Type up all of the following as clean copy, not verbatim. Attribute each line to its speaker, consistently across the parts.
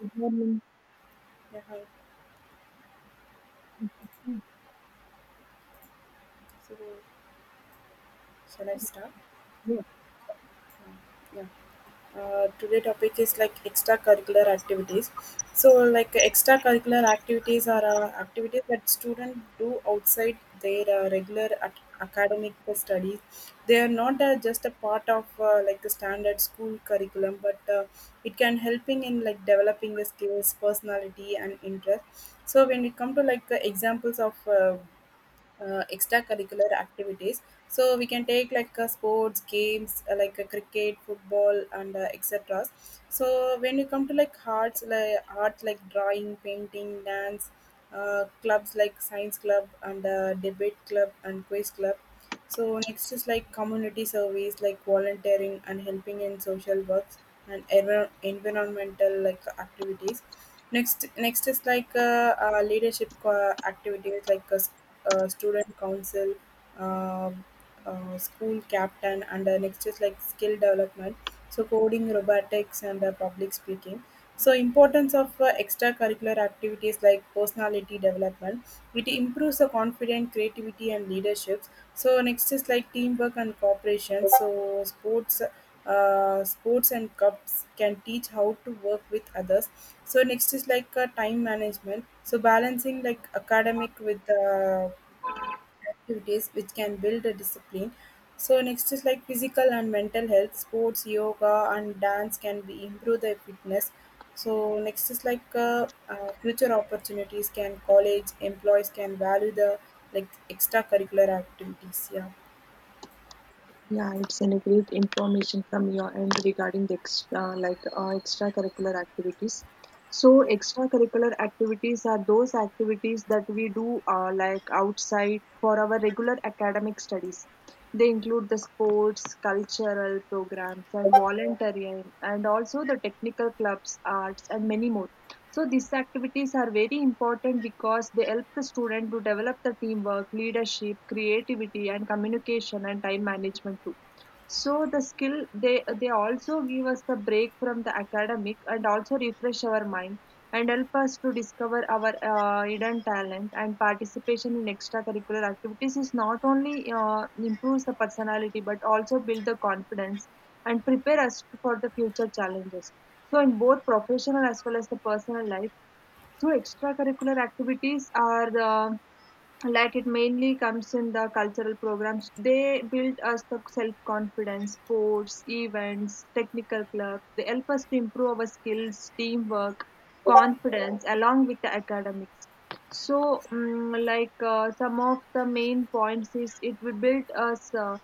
Speaker 1: Mhm.
Speaker 2: Yeah, hi. So, shall I start? Yeah. Today topic is like extracurricular activities. So, like extracurricular activities are activities that students do outside their regular academic studies. They are not just a part of like the standard school curriculum, but it can helping in like developing the skills, personality, and interest. So, when we come to like the examples of extracurricular activities, so we can take like sports games, cricket, football, and etc. So when you come to like arts, like art, like drawing, painting, dance, clubs like science club and debate club and quiz club. So next is like community service, like volunteering and helping in social works and environmental like activities. Next is like leadership activities, like a student council, uh, school captain, and next is like skill development. So coding, robotics, and public speaking. So importance of extracurricular activities, like personality development. It improves the confidence, creativity, and leadership. So next is like teamwork and cooperation. So sports and cups can teach how to work with others. So next is like time management, so balancing like academic with activities, which can build a discipline. So next is like physical and mental health. Sports, yoga, and dance can be improve the fitness. So next is like future opportunities. Can college employees can value the like extracurricular activities. Yeah.
Speaker 1: Yeah, it's any great information from your end regarding the extra, extracurricular activities. So,
Speaker 2: Hmm.
Speaker 1: extracurricular activities are those activities that we do like outside for our regular academic studies. They include the sports, cultural programs, and volunteering, and also the technical clubs, arts, and many more. So these activities are very important because they help the student to develop the teamwork, leadership, creativity, and communication and time management too. So the skill they also give us the break from the academic and also refresh our mind and help us to discover our hidden talent, and participation in extracurricular activities is not only improves the personality but also build the confidence and prepare us for the future challenges so in both professional as well as the personal life. So extracurricular activities are the, like it mainly comes in the cultural programs, they build us the self confidence, sports events, technical clubs they help us to improve our skills, teamwork, confidence along with the academics. So some of the main points is it will build us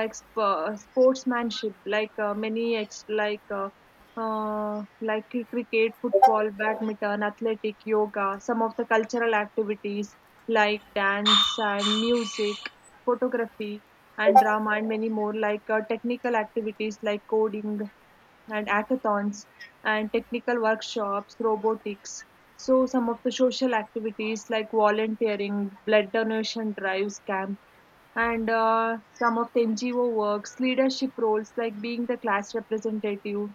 Speaker 1: sportsmanship, like many ex- uh, like cricket, football, badminton, athletic, yoga, some of the cultural activities like dance and music, photography and drama, and many more, technical activities like coding and hackathons and technical workshops, robotics. So, some of the social activities like volunteering, blood donation drives, camp, and some of the NGO works, leadership roles like being the class representative,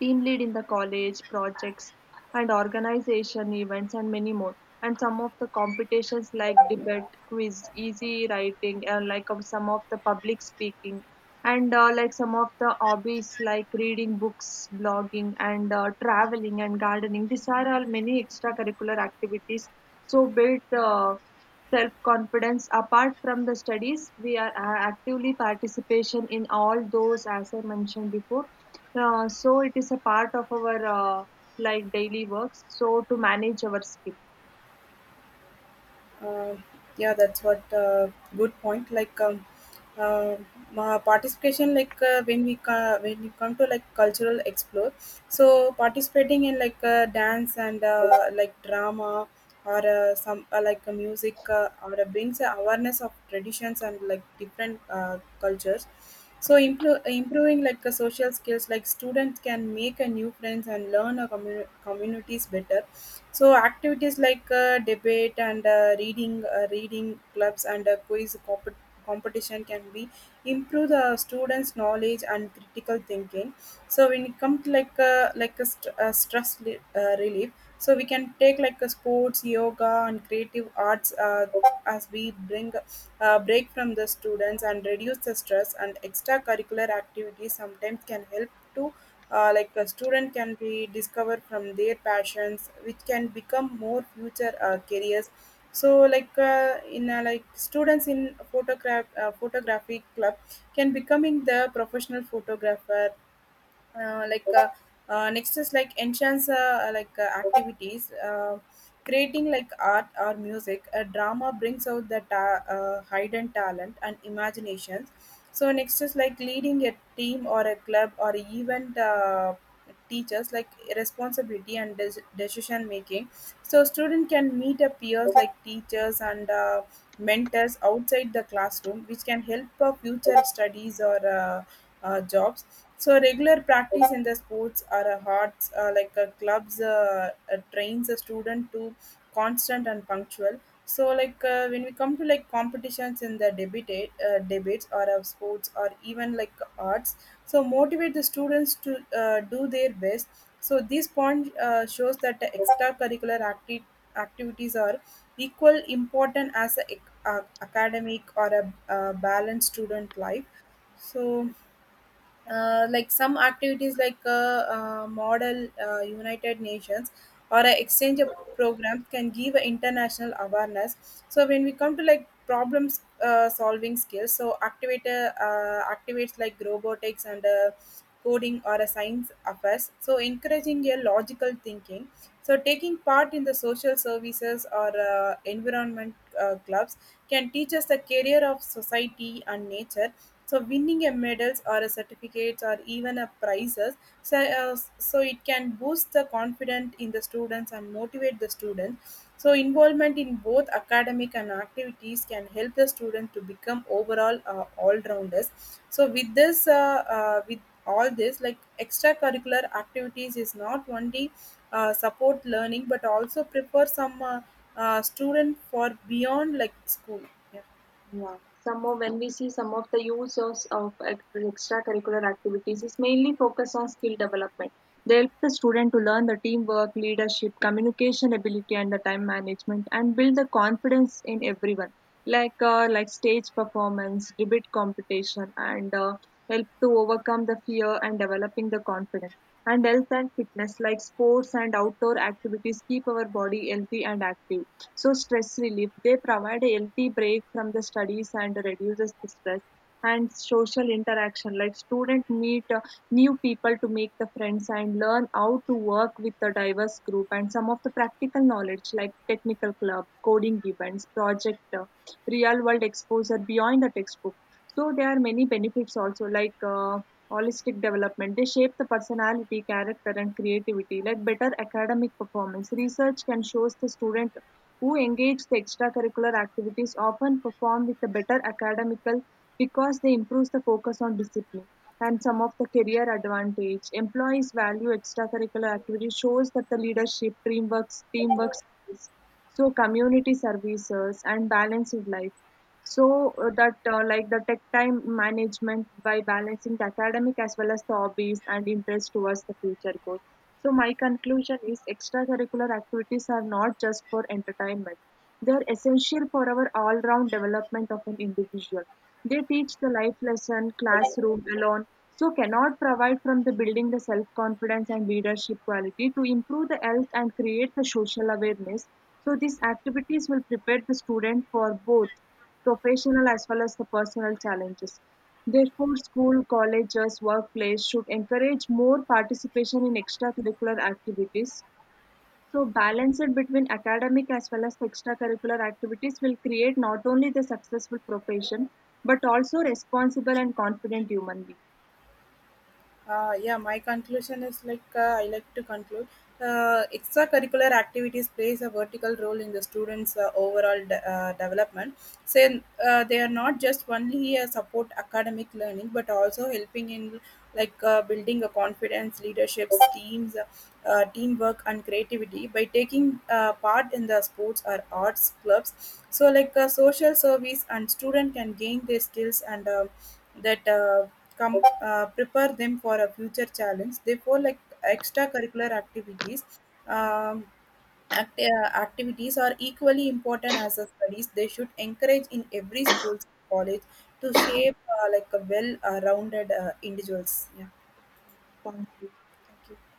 Speaker 1: team lead in the college projects and organization events and many more, and some of the competitions like debate, quiz, easy writing, and like of some of the public speaking, and like some of the hobbies like reading books, blogging, and traveling and gardening. These are all many extracurricular activities, so build the self confidence. Apart from the studies we are actively participation in all those as I mentioned before. So it is a part of our uh, like daily works, so to manage our skill.
Speaker 2: Uh, yeah, that's what good point. Like uh, participation, like when we when you come to like cultural explore, so participating in like dance and like drama or some music or brings a awareness of traditions and like different cultures. So improving like social skills, like students can make a new friends and learn a communities better. So activities like debate and reading clubs and quiz compet competition can be improve the students knowledge and critical thinking. So when it comes to like stress relief, so we can take like a sports, yoga, and creative arts, as we bring break from the students and reduce the stress. And extracurricular activities sometimes can help to like a student can be discovered from their passions, which can become more future careers. So like in like students in photography club can becoming the professional photographer. uh, like uh, Next is like enhance activities, creating like art or music a drama, brings out the hidden talent and imaginations. So next is like leading a team or a club or event, teachers like responsibility and decision making. So student can meet a peers like teachers and mentors outside the classroom, which can help for future studies or jobs. So regular practice in the sports or a hearts like a clubs trains a student to constant and punctual. So like when we come to like competitions in the debates or of sports or even like arts, so motivate the students to do their best. So this point shows that the activities are equal important as a academic or a balanced student life. So like some activities like model United Nations or a exchange of programs can give a international awareness. So when we come to like problems solving skills, so activator activates like robotics and coding or a science affairs, so encouraging a logical thinking. So taking part in the social services or environment clubs can teach us the career of society and nature. So winning a medals or a certificates or even a prizes. So, so it can boost the confidence in the students and motivate the students. So involvement in both academic and activities can help the student to become overall all-rounders. So with this with all this, like extracurricular activities is not only support learning, but also prepare some student for beyond like school. Yeah.
Speaker 1: Yeah. Some of when we see some of the use of extracurricular activities is mainly focused on skill development. They help the student to learn the teamwork, leadership, communication ability, and the time management, and build the confidence in everyone. Like stage performance, debate competition, and help to overcome the fear and developing the confidence. And health and fitness, like sports and outdoor activities, keep our body healthy and active. So stress relief, they provide a healthy break from the studies and reduces the stress, and social interaction, like student meet new people to make the friends and learn how to work with a diverse group, and some of the practical knowledge like technical club, coding events, project real world exposure beyond the textbook. So there are many benefits also, holistic development, they shape the personality, character, and creativity. Like better academic performance, research can shows the student who engage the extracurricular activities often perform with a better academical because they improve the focus on discipline. And some of the career advantage, employees value extracurricular activities, shows that the leadership, teamwork skills, so community services and balanced life. So that like the tech time management by balancing the academic as well as the hobbies and interest towards the future goal. So, my conclusion is extracurricular activities are not just for entertainment. They are essential for our all round development of an individual. They teach the life lesson, classroom alone, so cannot provide from the building the self confidence and leadership quality to improve the health and create the social awareness. So, these activities will prepare the student for both professional as well as the personal challenges. Therefore, school, colleges, workplace should encourage more participation in extracurricular activities. So, balance it between academic as well as the extracurricular activities will create not only the successful profession but also responsible and confident human being.
Speaker 2: Yeah, my conclusion is like I like to conclude. Extracurricular activities plays a vertical role in the students' development. So they are not just only support academic learning, but also helping in like building a confidence, leadership, teams, teamwork, and creativity by taking part in the sports or arts clubs. So like social service and student can gain their skills and that. Com- Prepare them for a future challenge. Therefore, like extracurricular activities, um, activities are equally important as the studies. They should encourage in every school, college to shape like a well-rounded individuals. Yeah, thank you.